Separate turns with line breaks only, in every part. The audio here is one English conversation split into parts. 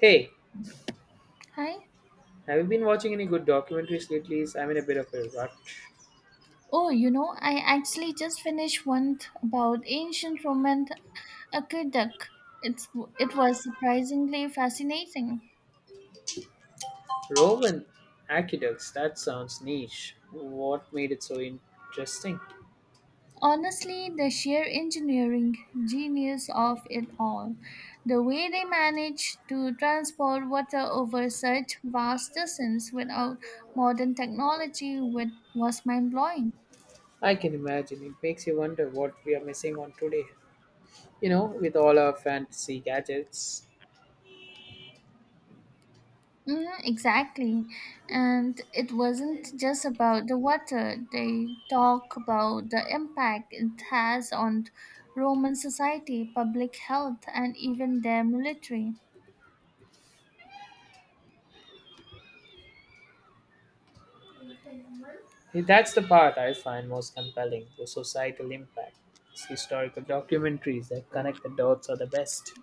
Hey,
Hi.
have you been watching any good documentaries lately? I'm in a bit of a rut.
Oh, you know, I actually just finished about ancient Roman aqueduct. It's it was surprisingly fascinating.
Roman aqueducts, that sounds niche. What made it so interesting?
Honestly, the sheer engineering genius of it all, the way they managed to transport water over such vast distance without modern technology, was mind blowing.
I can imagine. It makes you wonder what we are missing on today, you know, with all our fantasy gadgets.
Mhm, exactly. And it wasn't just about the water. They talk about the impact it has on Roman society, public health, and even their military.
That's the part I find most compelling, the societal impact. It's historical documentaries that connect the dots are the best.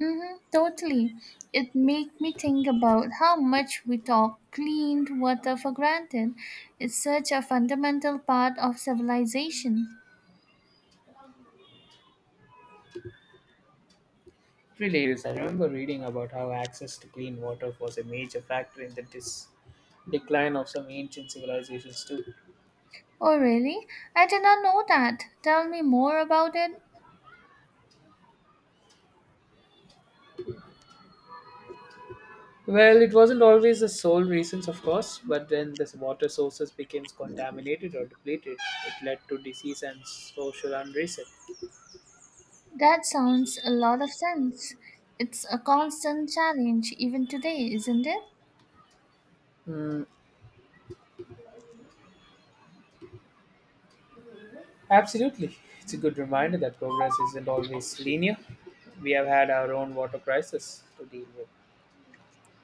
Mm-hmm, totally. It made me think about how much we talk clean water for granted. It's such a fundamental part of civilization.
Really is. I remember reading about how access to clean water was a major factor in the decline of some ancient civilizations too.
Oh, really? I did not know that. Tell me more about it.
Well, it wasn't always the sole reasons, of course, but when the water sources became contaminated or depleted. It led to disease and social unrest.
That sounds a lot of sense. It's a constant challenge even today, isn't it?
Mm, Absolutely. It's a good reminder that progress isn't always linear. We have had our own water crisis to deal with.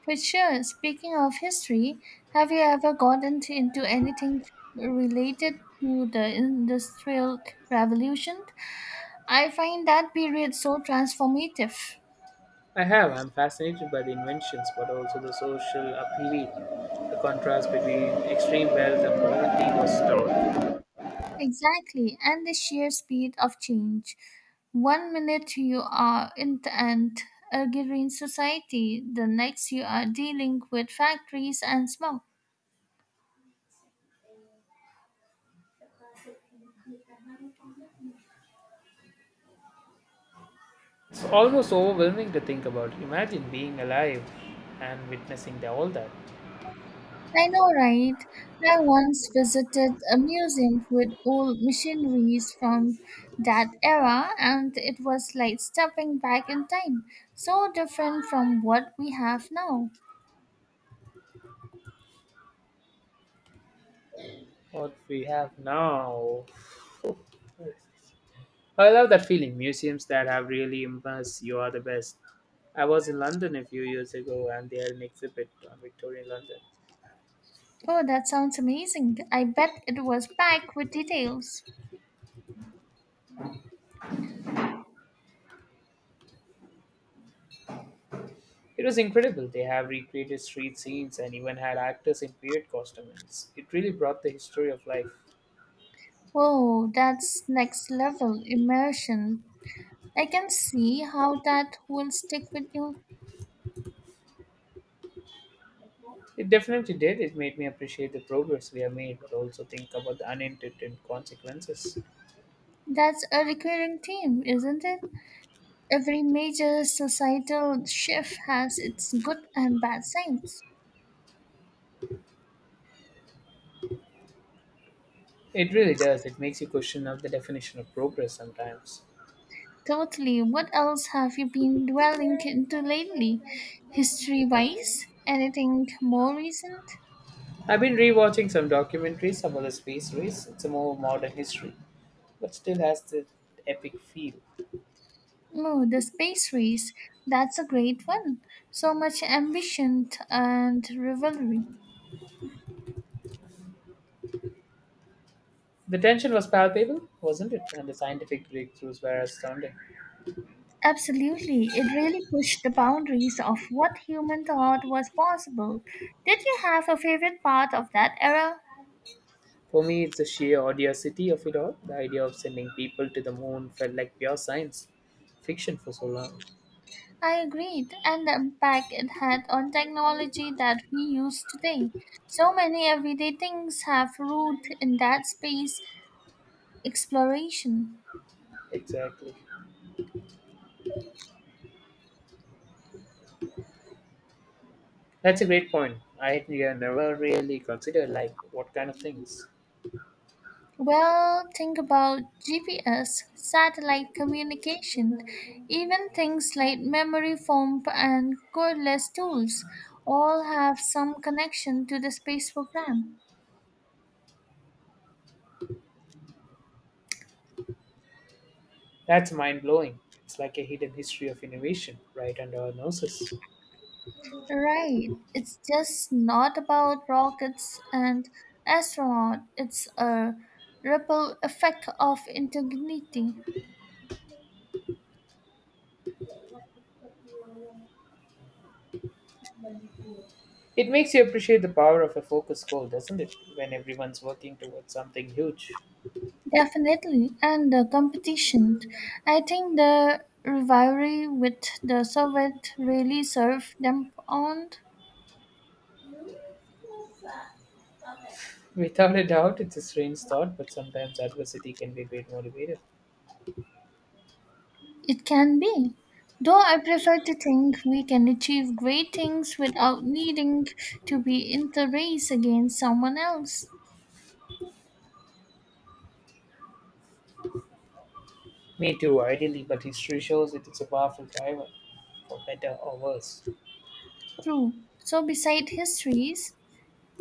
For sure. Speaking of history, have you ever gotten into anything related to the Industrial Revolution? I find that period so transformative.
I have. I'm fascinated by the inventions, but also the social upheaval. The contrast between extreme wealth and poverty was stark.
Exactly, and the sheer speed of change. One minute you are in an agrarian society, the next you are dealing with factories and smoke.
It's almost overwhelming to think about. Imagine being alive and witnessing the, all that.
I know, right? I once visited a museum with old machineries from that era, and it was like stepping back in time, so different from what we have now.
What we have now. I love that feeling. Museums that have really immersed you are the best. I was in London a few years ago and they had an exhibit on Victorian London.
Oh, that sounds amazing. I bet it was packed with details.
It was incredible. They have recreated street scenes and even had actors in period costumes. It really brought the history of life.
Whoa, that's next level immersion. I can see how that will stick with you.
It definitely did. It made me appreciate the progress we have made, but also think about the unintended consequences.
That's a recurring theme, isn't it? Every major societal shift has its good and bad sides.
It really does. It makes you question of the definition of progress sometimes.
Totally. What else have you been dwelling into lately? History wise? Anything more recent?
I've been rewatching some documentaries about the space race. It's a more modern history, but still has the epic feel.
Oh, the space race. That's a great one. So much ambition and rivalry.
The tension was palpable, wasn't it? And the scientific breakthroughs were astounding.
Absolutely. It really pushed the boundaries of what human thought was possible. Did you have a favorite part of that era?
For me, it's the sheer audacity of it all. The idea of sending people to the moon felt like pure science fiction for so long.
I agreed, and the impact it had on technology that we use today. So many everyday things have root in that space exploration.
Exactly. That's a great point. I had never really considered like what kind of things.
Well, think about GPS, satellite communication, even things like memory foam and cordless tools all have some connection to the space program.
That's mind blowing. It's like a hidden history of innovation right under our noses.
Right. It's just not about rockets and astronaut. It's a ripple effect of integrity.
It makes you appreciate the power of a focused goal, doesn't it? When everyone's working towards something huge.
Definitely. And the competition. I think the rivalry with the Soviet really served them on.
Without a doubt, it's a strange thought, but sometimes adversity can be a great motivator.
It can be. Though I prefer to think we can achieve great things without needing to be in the race against someone else.
Me too, ideally, but history shows it is a powerful driver, for better or worse.
True. So beside histories,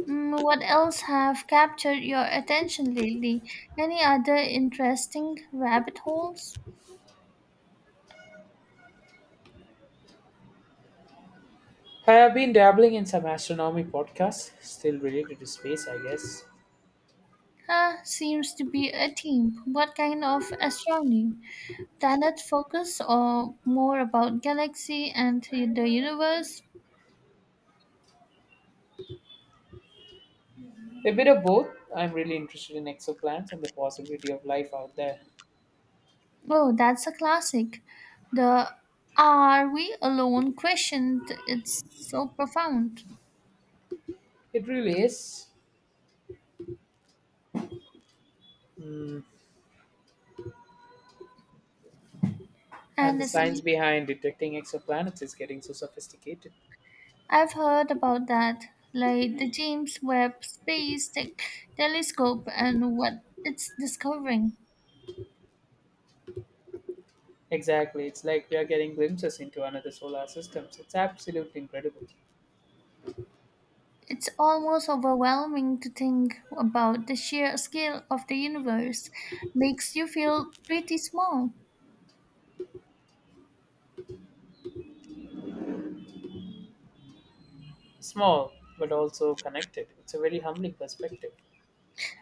What else have captured your attention lately? Any other interesting rabbit holes?
I have been dabbling in some astronomy podcasts, still related to space, I guess.
Huh, seems to be a theme. What kind of astronomy? Planet focus or more about galaxy and the universe?
A bit of both. I'm really interested in exoplanets and the possibility of life out there.
Oh, that's a classic. The are we alone question, it's so profound.
It really is. Mm, And
And
the
the
science
science
behind detecting exoplanets is getting so sophisticated.
I've heard about that, like the James Webb Space Telescope and what it's discovering.
Exactly, it's like we are getting glimpses into another solar system. So it's absolutely incredible.
It's almost overwhelming to think about the sheer scale of the universe. Makes you feel pretty small.
Small, but also connected. It's a very humbling perspective.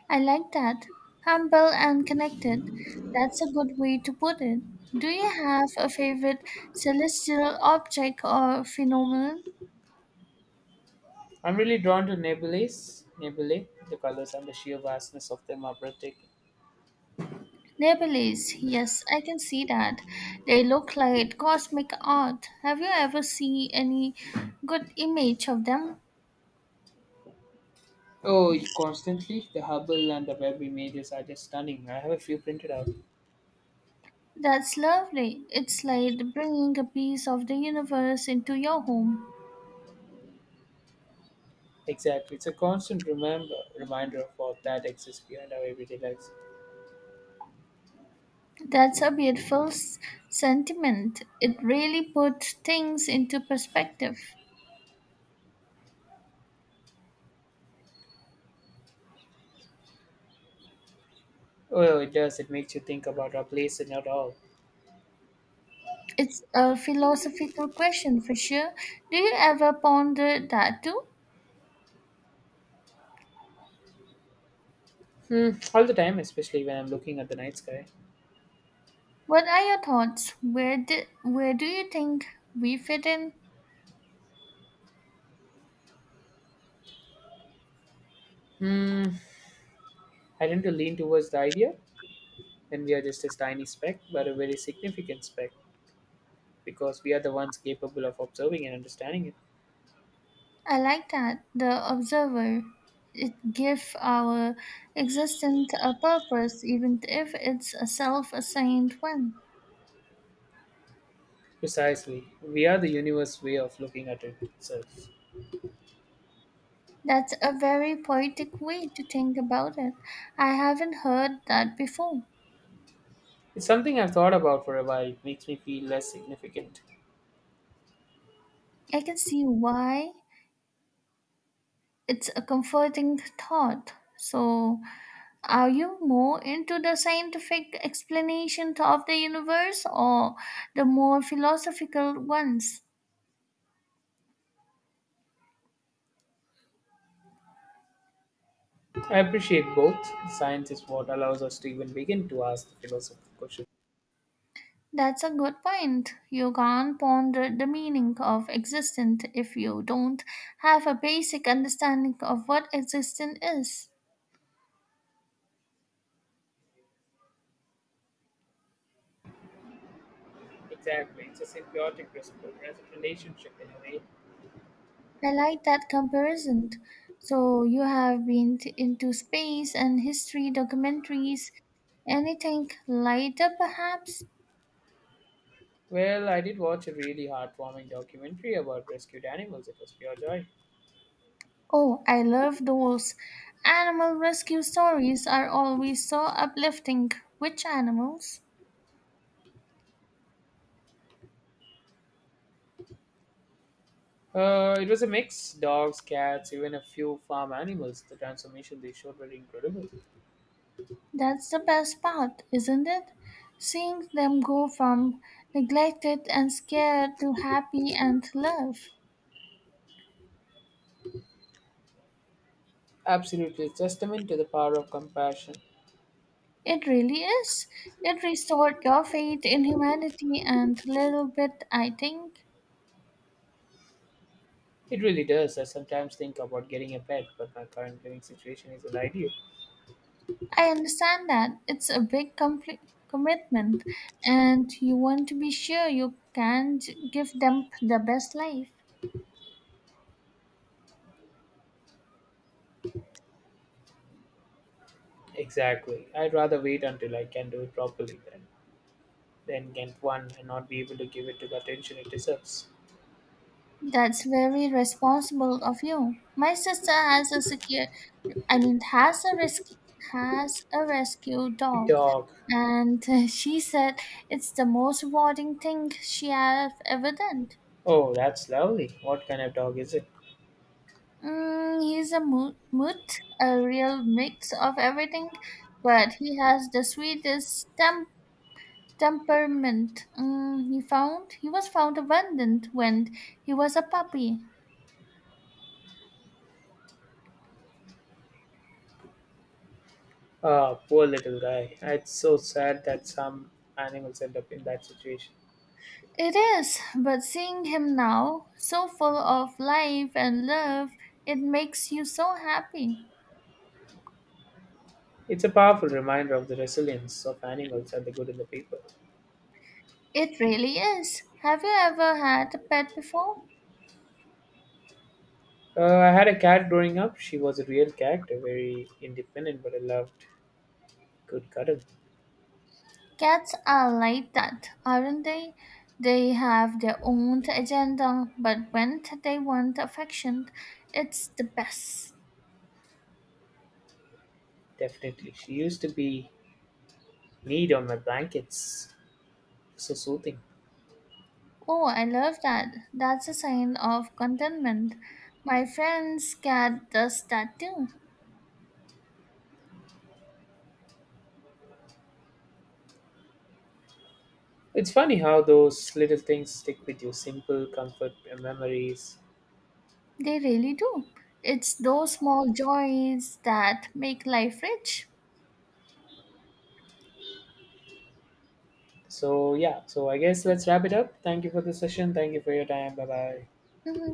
I like that. Humble and connected. That's a good way to put it. Do you have a favorite celestial object or phenomenon?
I'm really drawn to nebulae. Nebulae, the colors and the sheer vastness of them are breathtaking.
Nebulae, yes, I can see that. They look like cosmic art. Have you ever seen any good image of them?
Oh, you constantly. The Hubble and the Webb images are just stunning. I have a few printed out.
That's lovely. It's like bringing a piece of the universe into your home.
Exactly. It's a constant remember reminder of what that exists behind our everyday lives.
That's a beautiful sentiment. It really puts things into perspective.
Oh, it does. It makes you think about our place and not all.
It's a philosophical question for sure. Do you ever ponder that too?
Hmm, all the time, especially when I'm looking at the night sky.
What are your thoughts? Where do you think we fit in?
Hmm, I tend to lean towards the idea that we are just a tiny speck, but a very significant speck, because we are the ones capable of observing and understanding it.
I like that the observer it gives our existence a purpose even if it's a self-assigned one.
Precisely. We are the universe's way of looking at it itself.
That's a very poetic way to think about it. I haven't heard that before.
It's something I've thought about for a while. It makes me feel less significant.
I can see why it's a comforting thought. So, are you more into the scientific explanations of the universe or the more philosophical ones?
I appreciate both. Science is what allows us to even begin to ask the philosophical questions.
That's a good point. You can't ponder the meaning of existence if you don't have a basic understanding of what existence is.
Exactly. It's a symbiotic relationship in a way.
I like that comparison. So, you have been into space and history documentaries. Anything lighter, perhaps?
Well, I did watch a really heartwarming documentary about rescued animals. It was pure joy.
Oh, I love those. Animal rescue stories are always so uplifting. Which animals?
It was a mix, dogs, cats, even a few farm animals. The transformation they showed were incredible.
That's the best part, isn't it? Seeing them go from neglected and scared to happy and loved.
Absolutely a testament to the power of compassion.
It really is. It restored your faith in humanity and little bit, I think.
It really does. I sometimes think about getting a pet, but my current living situation isn't ideal.
I understand that. It's a big compli commitment, and you want to be sure you can give them the best life.
Exactly. I'd rather wait until I can do it properly than get one and not be able to give it the attention it deserves.
That's very responsible of you. My sister has a secure, I mean, has a rescue
A
dog,
dog.
and she said it's the most rewarding thing she has ever done.
Oh, that's lovely. What kind of dog is it?
Mm, he's a moot, a real mix of everything, but he has the sweetest temperament. Mm, he was found abandoned when he was a puppy.
Ah, poor little guy. It's so sad that some animals end up in that situation.
It is, but seeing him now, so full of life and love, it makes you so happy.
It's a powerful reminder of the resilience of animals and the good in the people.
It really is. Have you ever had a pet before?
I had a cat growing up. She was a real character, very independent, but I loved good cuddle.
Cats are like that, aren't they? They have their own agenda, but when they want affection, it's the best.
Definitely. She used to be need on my blankets. So soothing.
Oh, I love that. That's a sign of contentment. My friend's cat does that too.
It's funny how those little things stick with you, simple comfort and memories.
They really do. It's those small joys that make life rich.
So yeah, so I guess let's wrap it up. Thank you for the session. Thank you for your time. Bye bye.
Mhm.